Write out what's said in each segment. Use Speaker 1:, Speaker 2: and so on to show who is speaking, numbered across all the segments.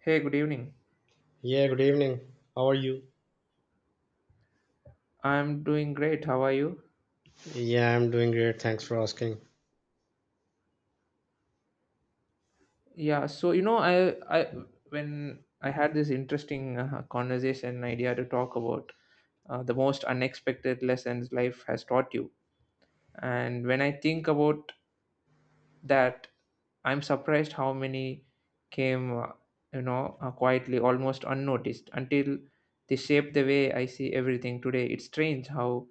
Speaker 1: Hey, good evening.
Speaker 2: Yeah, good evening. How are you?
Speaker 1: I'm doing great. How are you?
Speaker 2: Yeah, I'm doing great. Thanks for asking.
Speaker 1: Yeah, so you know, I when I had this interesting conversation idea to talk about the most unexpected lessons life has taught you. And when I think about that, I'm surprised how many came, quietly, almost unnoticed until they shape the way I see everything today. It's strange how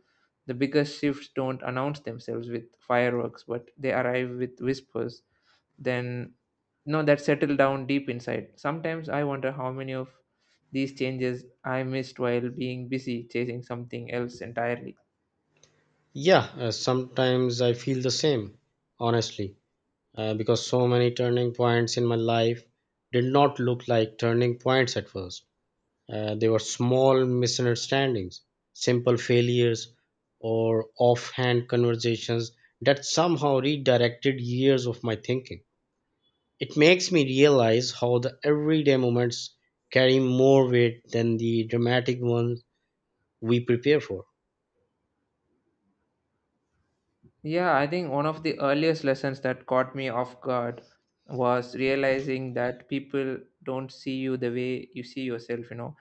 Speaker 1: the biggest shifts don't announce themselves with fireworks, but they arrive with whispers then no that settle down deep inside. Sometimes I wonder how many of these changes I missed while being busy chasing something else entirely.
Speaker 2: Yeah, sometimes I feel the same, honestly, because so many turning points in my life did not look like turning points at first. They were small misunderstandings, simple failures, or offhand conversations that somehow redirected years of my thinking. It makes me realize how the everyday moments carry more weight than the dramatic ones we prepare for.
Speaker 1: Yeah, I think one of the earliest lessons that caught me off guard was realizing that people don't see you the way you see yourself.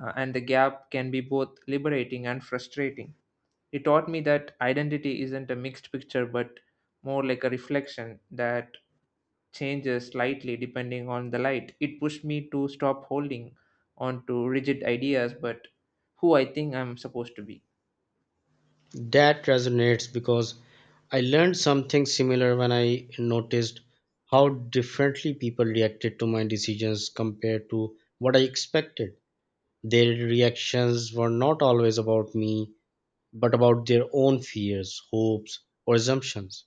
Speaker 1: And the gap can be both liberating and frustrating. It taught me that identity isn't a mixed picture but more like a reflection that changes slightly depending on the light. It pushed me to stop holding on to rigid ideas, but who I think I'm supposed to be.
Speaker 2: That resonates because I learned something similar when I noticed how differently people reacted to my decisions compared to what I expected. Their reactions were not always about me, but about their own fears, hopes, or assumptions.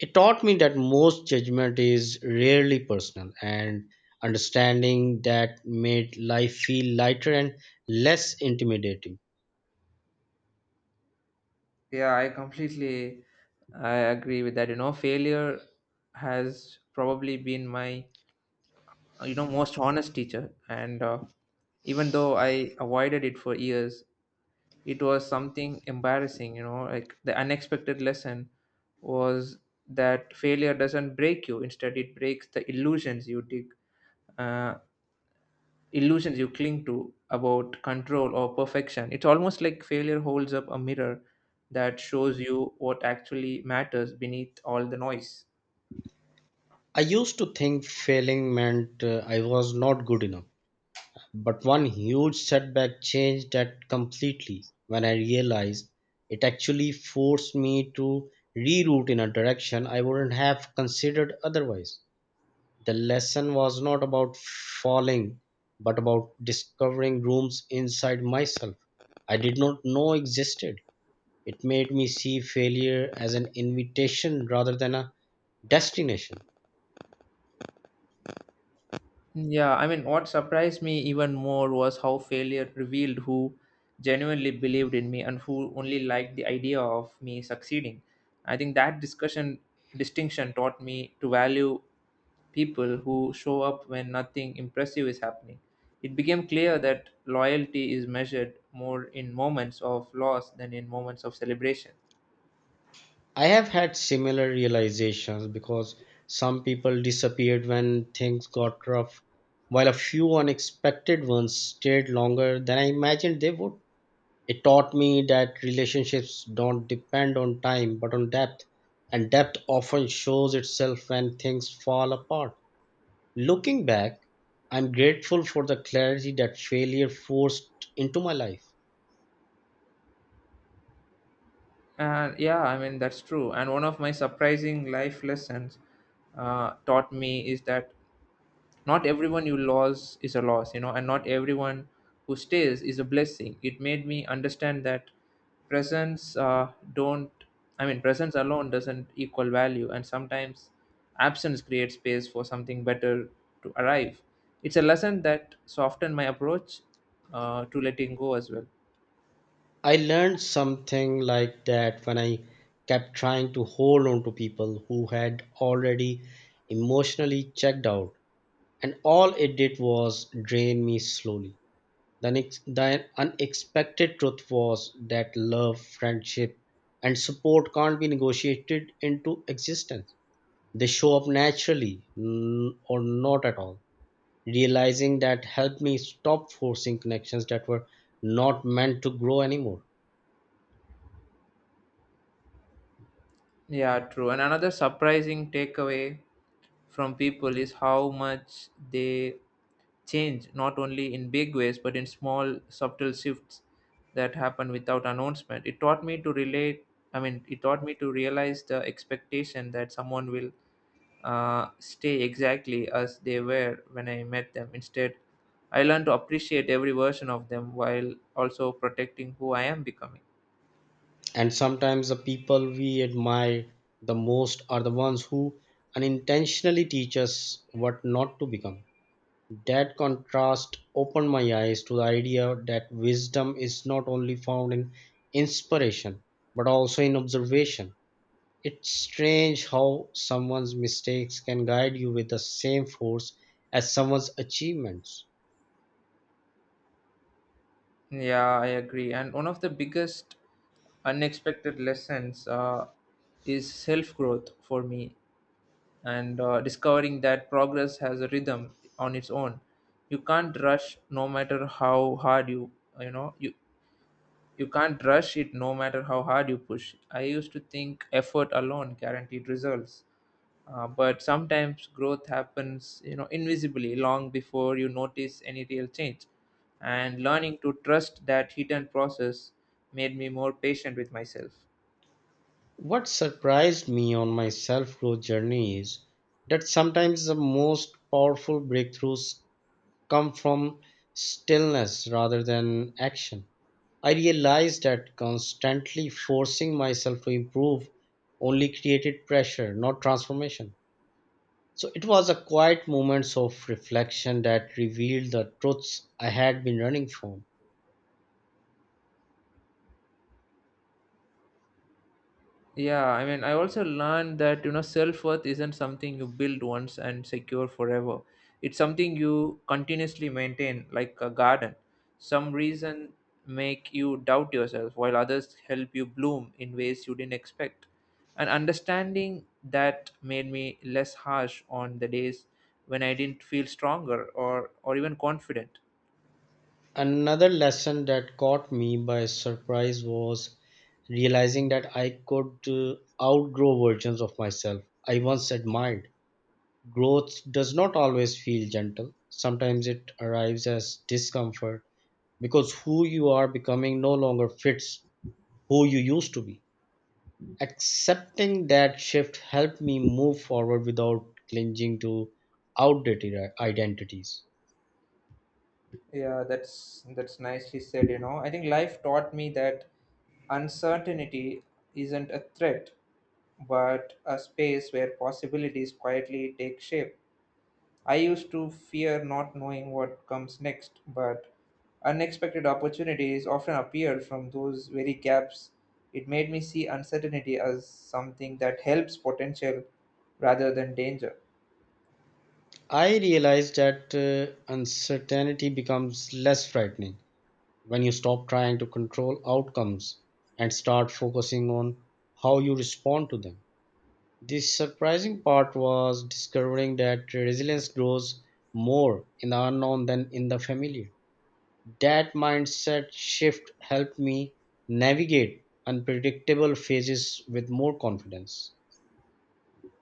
Speaker 2: It taught me that most judgment is rarely personal, and understanding that made life feel lighter and less intimidating.
Speaker 1: Yeah, I agree with that. You know, failure has probably been my most honest teacher, and even though I avoided it for years, it was something embarrassing. You know, like the unexpected lesson was that failure doesn't break you; instead, it breaks the illusions you dig. Uh, Illusions you cling to about control or perfection. It's almost like failure holds up a mirror that shows you what actually matters beneath all the noise.
Speaker 2: I used to think failing meant I was not good enough. But one huge setback changed that completely when I realized it actually forced me to reroute in a direction I wouldn't have considered otherwise. The lesson was not about falling, but about discovering rooms inside myself I did not know existed. It made me see failure as an invitation rather than a destination.
Speaker 1: Yeah, I mean, what surprised me even more was how failure revealed who genuinely believed in me and who only liked the idea of me succeeding. I think that discussion distinction taught me to value people who show up when nothing impressive is happening. It became clear that loyalty is measured more in moments of loss than in moments of celebration.
Speaker 2: I have had similar realizations because some people disappeared when things got rough, while a few unexpected ones stayed longer than I imagined they would. It taught me that relationships don't depend on time but on depth, and depth often shows itself when things fall apart. Looking back, I'm grateful for the clarity that failure forced into my life.
Speaker 1: And yeah, I mean, that's true. And one of my surprising life lessons taught me is that not everyone you lose is a loss you know and not everyone who stays is a blessing. It made me understand that presence don't I mean presence alone doesn't equal value, and sometimes absence creates space for something better to arrive. It's a lesson that softened my approach to letting go as well.
Speaker 2: I learned something like that when I kept trying to hold on to people who had already emotionally checked out, and all it did was drain me slowly. The unexpected truth was that love, friendship, and support can't be negotiated into existence. They show up naturally or not at all. Realizing that helped me stop forcing connections that were not meant to grow anymore.
Speaker 1: Yeah, true. And another surprising takeaway from people is how much they change, not only in big ways, but in small, subtle shifts that happen without announcement. It taught me to realize the expectation that someone will stay exactly as they were when I met them. Instead, I learned to appreciate every version of them while also protecting who I am becoming.
Speaker 2: And sometimes the people we admire the most are the ones who unintentionally teach us what not to become. That contrast opened my eyes to the idea that wisdom is not only found in inspiration but also in observation. It's strange how someone's mistakes can guide you with the same force as someone's achievements.
Speaker 1: Yeah, I agree. And one of the biggest unexpected lessons is self growth for me, and discovering that progress has a rhythm on its own. You can't rush, no matter how hard you you know you You can't rush it, no matter how hard you push. I used to think effort alone guaranteed results, but sometimes growth happens, you know, invisibly long before you notice any real change. And learning to trust that hidden process made me more patient with myself.
Speaker 2: What surprised me on my self growth journey is that sometimes the most powerful breakthroughs come from stillness rather than action. I realized that constantly forcing myself to improve only created pressure, not transformation. So it was a quiet moments of reflection that revealed the truths I had been running from.
Speaker 1: Yeah, I mean, I also learned that you know self worth isn't something you build once and secure forever. It's something you continuously maintain, like a garden. Some reason make you doubt yourself, while others help you bloom in ways you didn't expect. And understanding that made me less harsh on the days when I didn't feel stronger or even confident.
Speaker 2: Another lesson that caught me by surprise was realizing that I could outgrow versions of myself I once admired. Growth does not always feel gentle, sometimes it arrives as discomfort because who you are becoming no longer fits who you used to be. Accepting that shift helped me move forward without clinging to outdated identities.
Speaker 1: Yeah, that's nicely said, you know. I think life taught me that uncertainty isn't a threat, but a space where possibilities quietly take shape. I used to fear not knowing what comes next, but unexpected opportunities often appeared from those very gaps. It made me see uncertainty as something that helps potential rather than danger.
Speaker 2: I realized that uncertainty becomes less frightening when you stop trying to control outcomes and start focusing on how you respond to them. The surprising part was discovering that resilience grows more in the unknown than in the familiar. That mindset shift helped me navigate unpredictable phases with more confidence.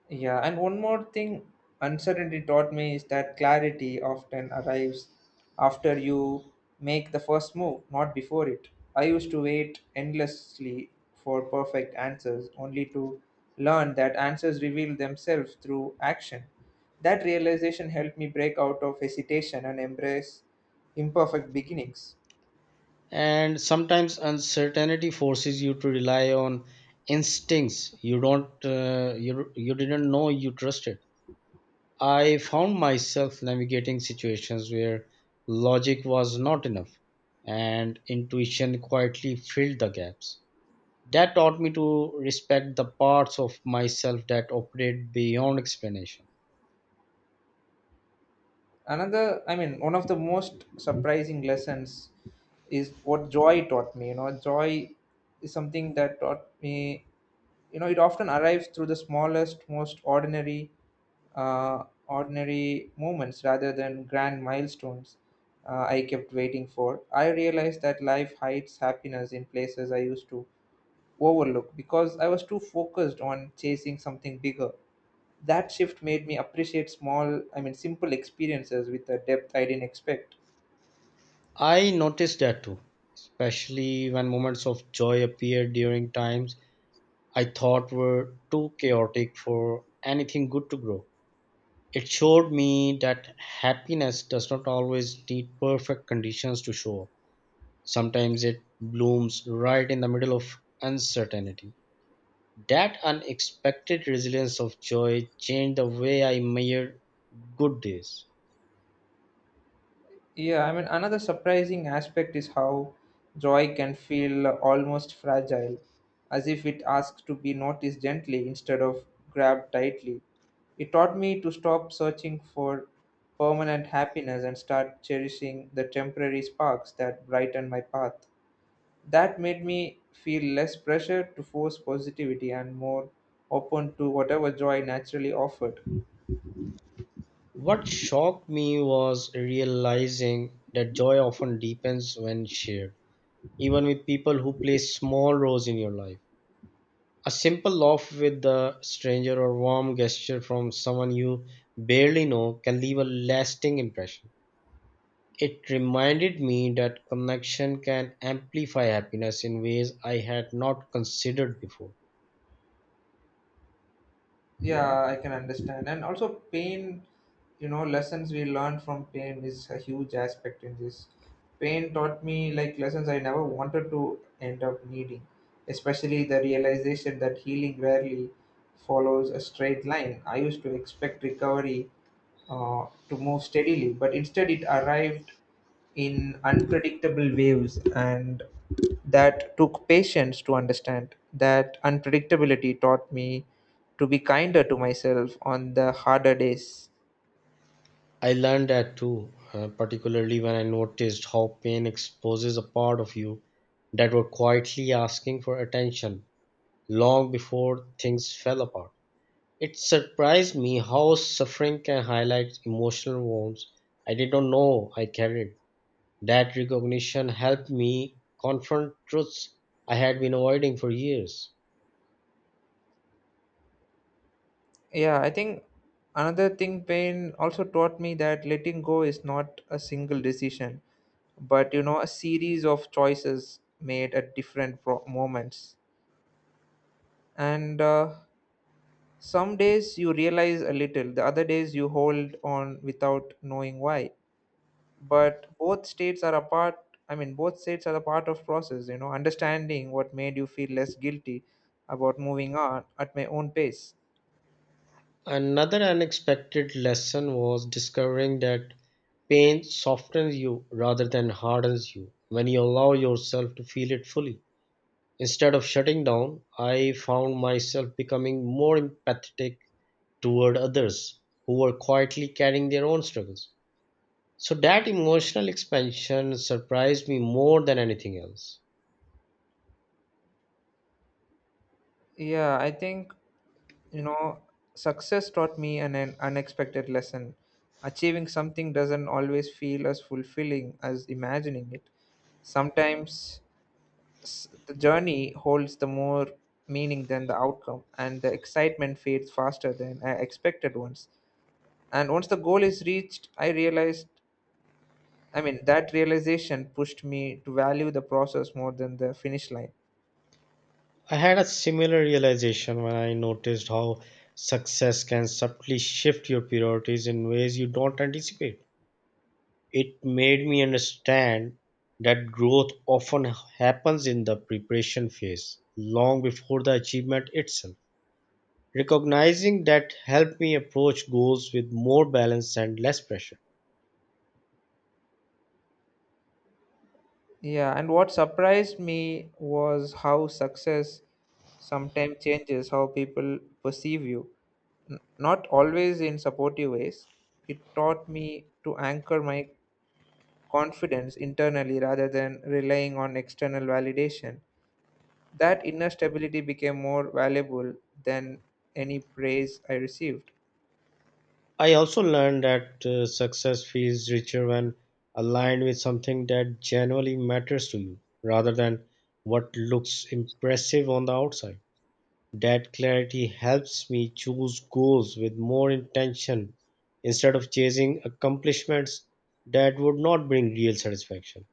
Speaker 1: Yeah, and one more thing uncertainty taught me is that clarity often arrives after you make the first move, not before it. I used to wait endlessly for perfect answers, only to learn that answers reveal themselves through action. That realization helped me break out of hesitation and embrace imperfect beginnings.
Speaker 2: And sometimes uncertainty forces you to rely on instincts you don't you, you didn't know you trusted. I found myself navigating situations where logic was not enough and intuition quietly filled the gaps. That taught me to respect the parts of myself that operate beyond explanation.
Speaker 1: Another I mean One of the most surprising lessons is what joy taught me. You know, joy is something that taught me, you know, it often arrives through the smallest most ordinary ordinary moments rather than grand milestones. I kept waiting for I realized that life hides happiness in places I used to overlook because I was too focused on chasing something bigger. That shift made me appreciate small I mean simple experiences with a depth I didn't expect.
Speaker 2: I noticed that too, especially when moments of joy appear during times I thought were too chaotic for anything good to grow. It showed me that happiness does not always need perfect conditions to show up. Sometimes it blooms right in the middle of uncertainty. That unexpected resilience of joy changed the way I measured good days.
Speaker 1: Yeah, I mean, another surprising aspect is how joy can feel almost fragile, as if it asks to be noticed gently instead of grabbed tightly. It taught me to stop searching for permanent happiness and start cherishing the temporary sparks that brighten my path. That made me feel less pressure to force positivity and more open to whatever joy naturally offered.
Speaker 2: What shocked me was realizing that joy often deepens when shared, even with people who play small roles in your life. A simple laugh with a stranger or warm gesture from someone you barely know can leave a lasting impression. It reminded me that connection can amplify happiness in ways I had not considered before.
Speaker 1: Yeah, I can understand. And also, pain, you know, lessons we learned from pain is a huge aspect in this. Pain taught me like lessons I never wanted to end up needing, especially the realization that healing rarely follows a straight line. I used to expect recovery to move steadily, but instead it arrived in unpredictable waves, and that took patience to understand. That unpredictability taught me to be kinder to myself on the harder days.
Speaker 2: I learned that too, particularly when I noticed how pain exposes a part of you that were quietly asking for attention long before things fell apart. It surprised me how suffering can highlight emotional wounds I did not know I carried. That recognition helped me confront truths I had been avoiding for years.
Speaker 1: Yeah, I think another thing pain also taught me that letting go is not a single decision but, you know, a series of choices made at different moments. And some days you realize a little, the other days you hold on without knowing why, but both states are a part I mean both states are a part of process, you know. Understanding what made you feel less guilty about moving on at my own pace.
Speaker 2: Another unexpected lesson was discovering that pain softens you rather than hardens you when you allow yourself to feel it fully. Instead of shutting down, I found myself becoming more empathetic toward others who were quietly carrying their own struggles. So that emotional expansion surprised me more than anything else.
Speaker 1: Yeah, I think, you know, success taught me an unexpected lesson. Achieving something doesn't always feel as fulfilling as imagining it. Sometimes the journey holds the more meaning than the outcome, and the excitement fades faster than I expected once the goal is reached. I realized I mean, That realization pushed me to value the process more than the finish line.
Speaker 2: I had a similar realization when I noticed how success can subtly shift your priorities in ways you don't anticipate. It made me understand that growth often happens in the preparation phase, long before the achievement itself. Recognizing that helped me approach goals with more balance and less pressure.
Speaker 1: Yeah, and what surprised me was how success sometimes changes how people perceive you. Not always in supportive ways. It taught me to anchor my confidence internally rather than relying on external validation. That inner stability became more valuable than any praise I received.
Speaker 2: I also learned that success feels richer when aligned with something that genuinely matters to you rather than what looks impressive on the outside. That clarity helps me choose goals with more intention instead of chasing accomplishments that would not bring real satisfaction.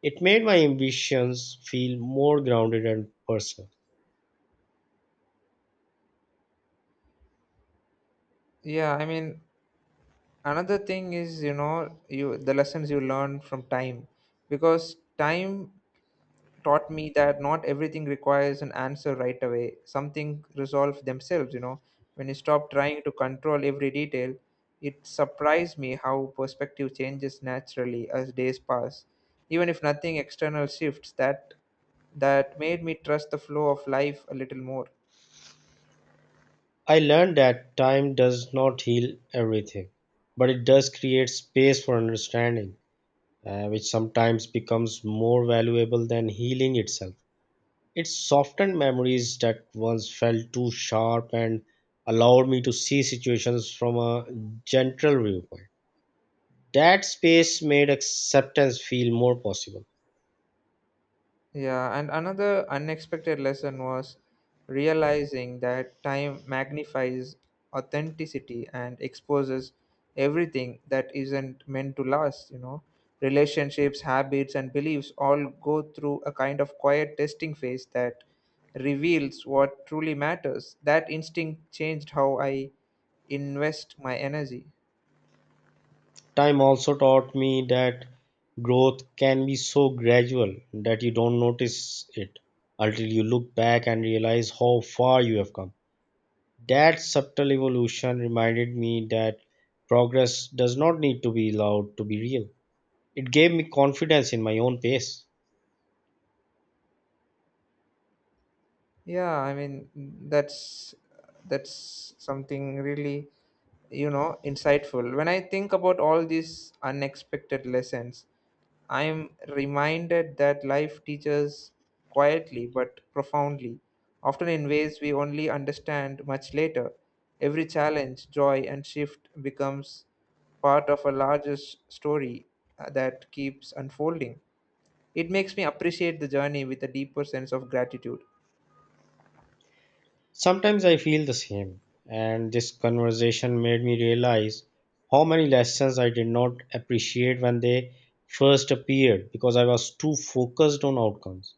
Speaker 2: It made my ambitions feel more grounded and personal.
Speaker 1: Yeah, I mean, another thing is, you know, you the lessons you learn from time, because time taught me that not everything requires an answer right away. Something things resolve themselves, you know, when you stop trying to control every detail. It surprised me how perspective changes naturally as days pass, even if nothing external shifts. That made me trust the flow of life a little more.
Speaker 2: I learned that time does not heal everything, but it does create space for understanding which sometimes becomes more valuable than healing itself. It softened memories that once felt too sharp and allowed me to see situations from a gentle viewpoint. That space made acceptance feel more possible.
Speaker 1: Yeah, and another unexpected lesson was realizing that time magnifies authenticity and exposes everything that isn't meant to last, you know. Relationships, habits, and beliefs all go through a kind of quiet testing phase that reveals what truly matters. That instinct changed how I invest my energy.
Speaker 2: Time also taught me that growth can be so gradual that you don't notice it until you look back and realize how far you have come. That subtle evolution reminded me that progress does not need to be loud to be real. It gave me confidence in my own pace.
Speaker 1: Yeah, I mean, that's that's something really, you know, insightful. When I think about all these unexpected lessons, I'm reminded that life teaches quietly but profoundly, often in ways we only understand much later. Every challenge, joy, and shift becomes part of a larger story that keeps unfolding. It makes me appreciate the journey with a deeper sense of gratitude.
Speaker 2: Sometimes I feel the same, and this conversation made me realize how many lessons I did not appreciate when they first appeared because I was too focused on outcomes.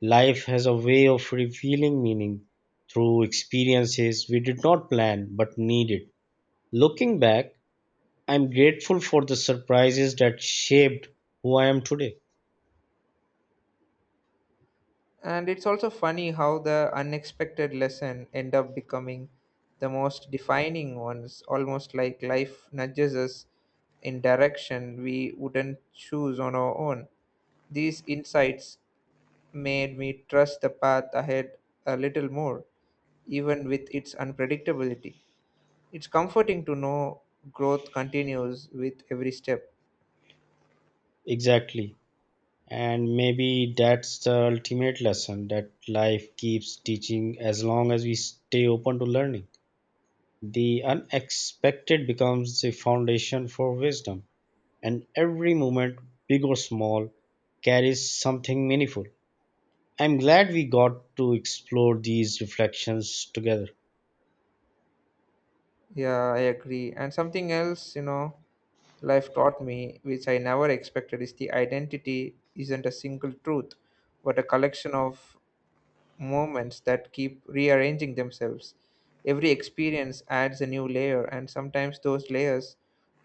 Speaker 2: Life has a way of revealing meaning through experiences we did not plan but needed. Looking back, I'm grateful for the surprises that shaped who I am today.
Speaker 1: And it's also funny how the unexpected lesson end up becoming the most defining ones, almost like life nudges us in direction we wouldn't choose on our own. These insights made me trust the path ahead a little more, even with its unpredictability. It's comforting to know growth continues with every step.
Speaker 2: Exactly. And maybe that's the ultimate lesson that life keeps teaching as long as we stay open to learning. The unexpected becomes the foundation for wisdom, and every moment, big or small, carries something meaningful. I'm glad we got to explore these reflections together.
Speaker 1: Yeah, I agree. And something else, you know, life taught me, which I never expected, is the identity isn't a single truth, but a collection of moments that keep rearranging themselves. Every experience adds a new layer, and sometimes those layers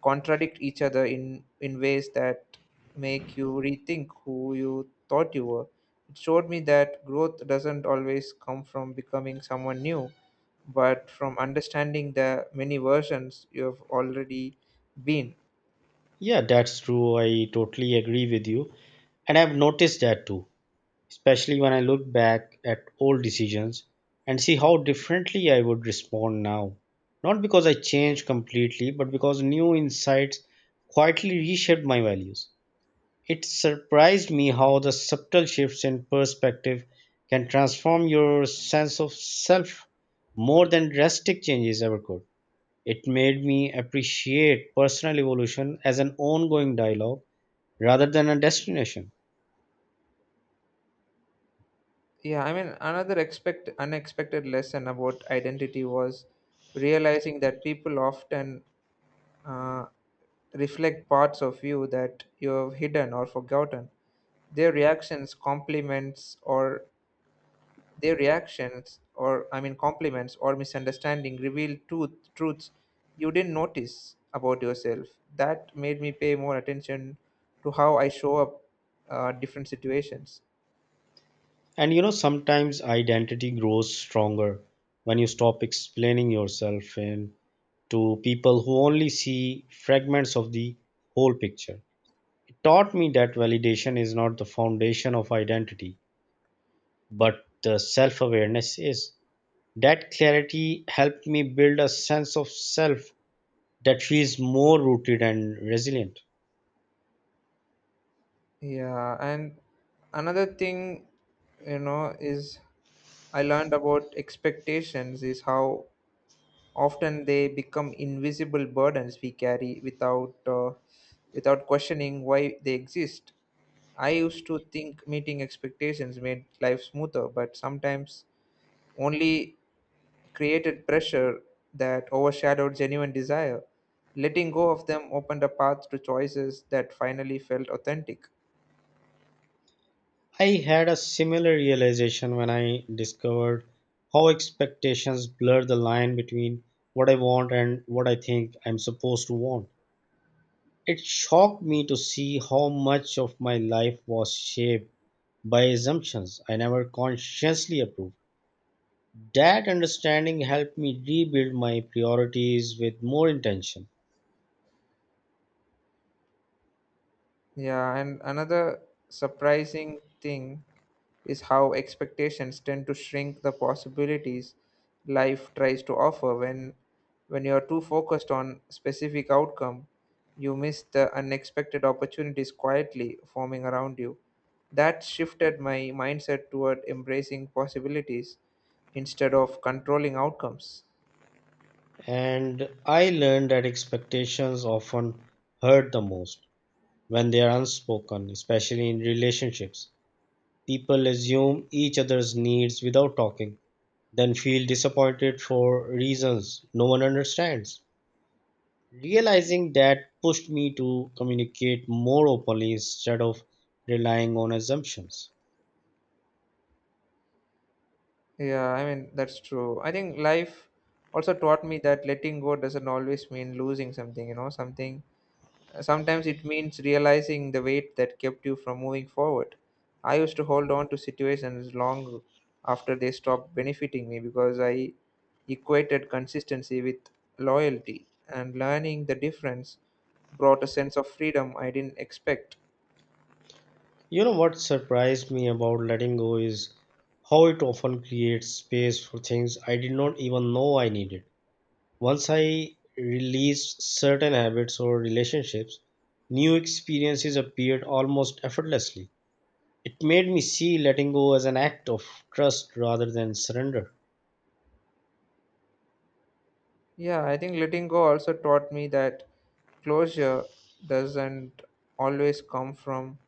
Speaker 1: contradict each other in ways that make you rethink who you thought you were. It showed me that growth doesn't always come from becoming someone new, but from understanding the many versions you have already been.
Speaker 2: Yeah, that's true. I totally agree with you. And I've noticed that too especially when I look back at old decisions and see how differently I would respond now. Not because I changed completely, but because new insights quietly reshaped my values. It surprised me how the subtle shifts in perspective can transform your sense of self more than drastic changes ever could. It made me appreciate personal evolution as an ongoing dialogue rather than a destination.
Speaker 1: Yeah, I mean, another expect unexpected lesson about identity was realizing that people often uh, reflect parts of you that you have hidden or forgotten. Their reactions compliments, or their reactions or I mean compliments or misunderstanding reveal truths you didn't notice about yourself. That made me pay more attention to how I show up different situations.
Speaker 2: And you know, sometimes identity grows stronger when you stop explaining yourself in to people who only see fragments of the whole picture. It taught me that validation is not the foundation of identity, but the self awareness is. That clarity helped me build a sense of self that feels more rooted and resilient.
Speaker 1: Yeah, and another thing, you know, is I learned about expectations is how often they become invisible burdens we carry without without questioning why they exist. I used to think meeting expectations made life smoother, but sometimes only created pressure that overshadowed genuine desire. Letting go of them opened a path to choices that finally felt authentic.
Speaker 2: I had a similar realization when I discovered how expectations blur the line between what I want and what I think I'm supposed to want. It shocked me to see how much of my life was shaped by assumptions I never consciously approved. That understanding helped me rebuild my priorities with more intention.
Speaker 1: Yeah, and another surprising thing is how expectations tend to shrink the possibilities life tries to offer when you're too focused on specific outcome, you miss the unexpected opportunities quietly forming around you. That shifted my mindset toward embracing possibilities instead of controlling outcomes.
Speaker 2: And I learned that expectations often hurt the most when they are unspoken, especially in relationships. People assume each other's needs without talking, then feel disappointed for reasons no one understands. Realizing that pushed me to communicate more openly instead of relying on assumptions.
Speaker 1: Yeah, I mean, that's true. I think life also taught me that letting go doesn't always mean losing something. Sometimes it means realizing the weight that kept you from moving forward. I used to hold on to situations long after they stopped benefiting me because I equated consistency with loyalty, and learning the difference brought a sense of freedom I didn't expect.
Speaker 2: You know what surprised me about letting go is how it often creates space for things I did not even know I needed. Once I released certain habits or relationships, new experiences appeared almost effortlessly. It made me see letting go as an act of trust rather than surrender.
Speaker 1: Yeah, I think letting go also taught me that closure doesn't always come from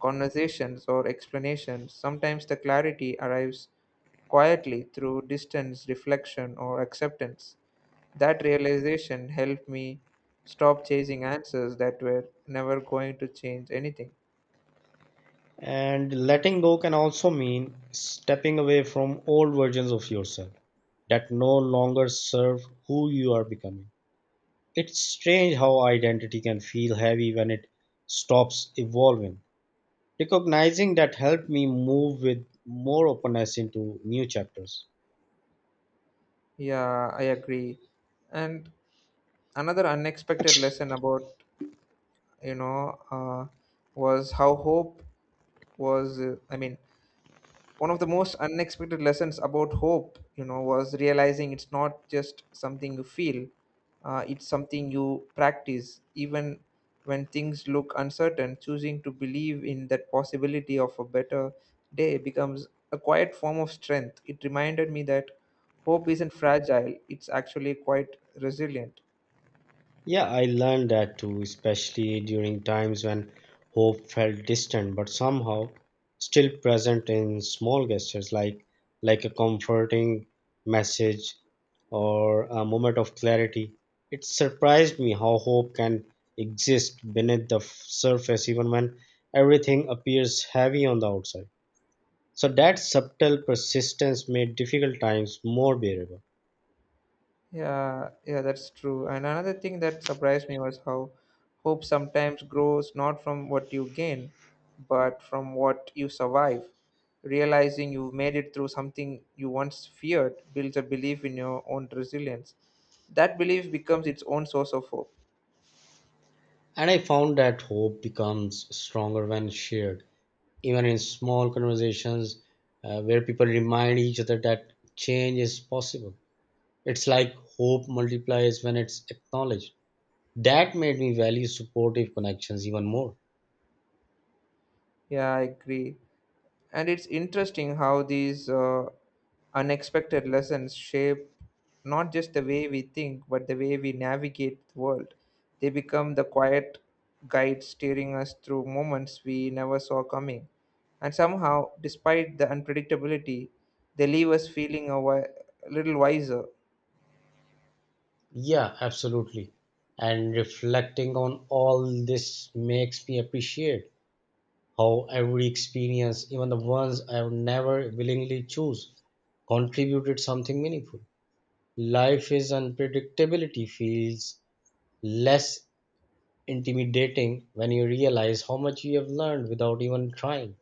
Speaker 1: conversations or explanations. Sometimes the clarity arrives quietly through distance, reflection, or acceptance. That realization helped me stop chasing answers that were never going to change anything.
Speaker 2: And letting go can also mean stepping away from old versions of yourself that no longer serve who you are becoming. It's strange how identity can feel heavy when it stops evolving. Recognizing that helped me move with more openness into new chapters.
Speaker 1: Yeah, I agree. And another unexpected lesson about, you know, uh, was how I mean, one of the most unexpected lessons about hope, you know, was realizing it's not just something you feel, it's something you practice. Even when things look uncertain, choosing to believe in that possibility of a better day becomes a quiet form of strength. It reminded me that hope isn't fragile, it's actually quite resilient.
Speaker 2: Yeah, I learned that too, especially during times when hope felt distant but somehow still present in small gestures like a comforting message or a moment of clarity. It surprised me how hope can exist beneath the surface even when everything appears heavy on the outside. So that subtle persistence made difficult times more bearable.
Speaker 1: Yeah, yeah, that's true. And another thing that surprised me was how hope sometimes grows not from what you gain, but from what you survive. Realizing you've made it through something you once feared builds a belief in your own resilience. That belief becomes its own source of hope.
Speaker 2: And I found that hope becomes stronger when shared even in small conversations where people remind each other that change is possible. It's like hope multiplies when it's acknowledged. That made me value supportive connections even more.
Speaker 1: Yeah, I agree. And it's interesting how these unexpected lessons shape not just the way we think, but the way we navigate the world. They become the quiet guides steering us through moments we never saw coming, and somehow, despite the unpredictability, they leave us feeling a little wiser.
Speaker 2: Yeah, absolutely. And reflecting on all this makes me appreciate how every experience, even the ones I would never willingly choose, contributed something meaningful. Life is unpredictability feels less intimidating when you realize how much you have learned without even trying.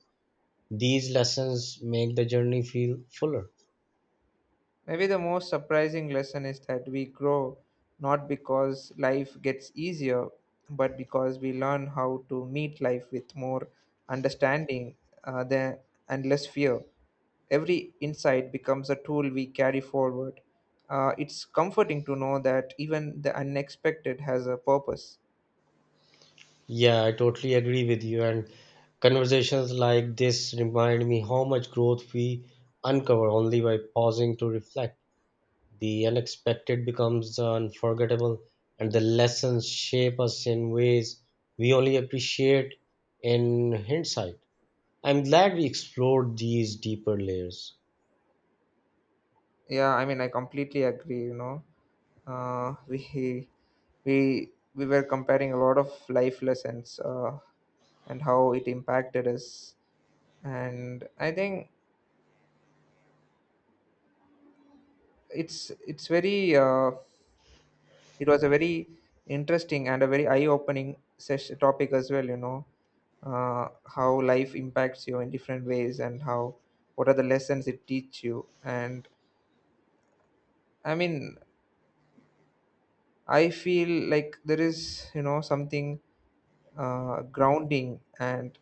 Speaker 2: These lessons make the journey feel fuller.
Speaker 1: Maybe the most surprising lesson is that we grow not because life gets easier, but because we learn how to meet life with more understanding uh, than, and less fear. Every insight becomes a tool we carry forward. It's comforting to know that even the unexpected has a purpose.
Speaker 2: Yeah, I totally agree with you. And conversations like this remind me how much growth we uncover only by pausing to reflect. The unexpected becomes the unforgettable, and the lessons shape us in ways we only appreciate in hindsight. I'm glad we explored these deeper layers.
Speaker 1: Yeah, I mean, I completely agree. You know, uh, we we were comparing a lot of life lessons, and how it impacted us, and I think it's very it was a very interesting and a very eye opening session topic as well, you know. How life impacts you in different ways, and how, what are the lessons it teach you. And I mean, I feel like there is, you know, something grounding, and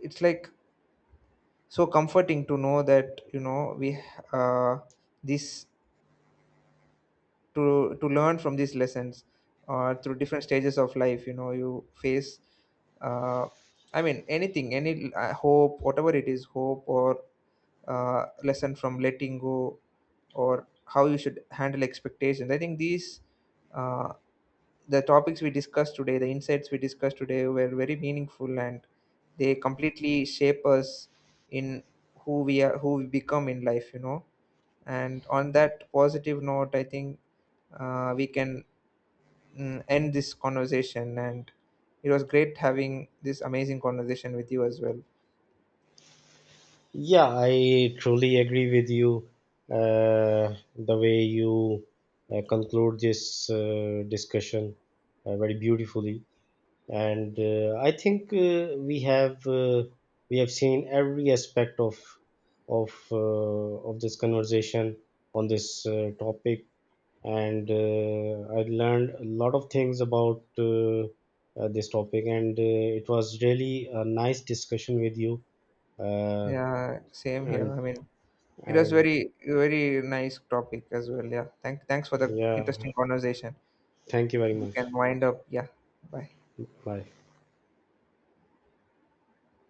Speaker 1: it's like so comforting to know that, you know, we uh, this to learn from these lessons or through different stages of life, you know, you face uh, I mean, anything, any hope, whatever it is, hope or lesson from letting go or how you should handle expectations. I think these, uh, the topics we discussed today, the insights we discussed today were very meaningful, and they completely shape us in who we are, who we become in life, you know. And on that positive note, I think we can end this conversation. And it was great having this amazing conversation with you as well.
Speaker 2: Yeah, I truly agree with you. The way you conclude this discussion very beautifully, and I think we have seen every aspect of of uh, of this conversation on this topic, and I learned a lot of things about this topic, and it was really a nice discussion with you. Uh,
Speaker 1: Yeah, same here.
Speaker 2: and
Speaker 1: I mean, it was
Speaker 2: and
Speaker 1: very, very nice topic as well. Yeah. Thanks for the
Speaker 2: yeah,
Speaker 1: interesting conversation.
Speaker 2: thank you very
Speaker 1: You
Speaker 2: much.
Speaker 1: can wind up. Yeah. Bye.
Speaker 2: Bye.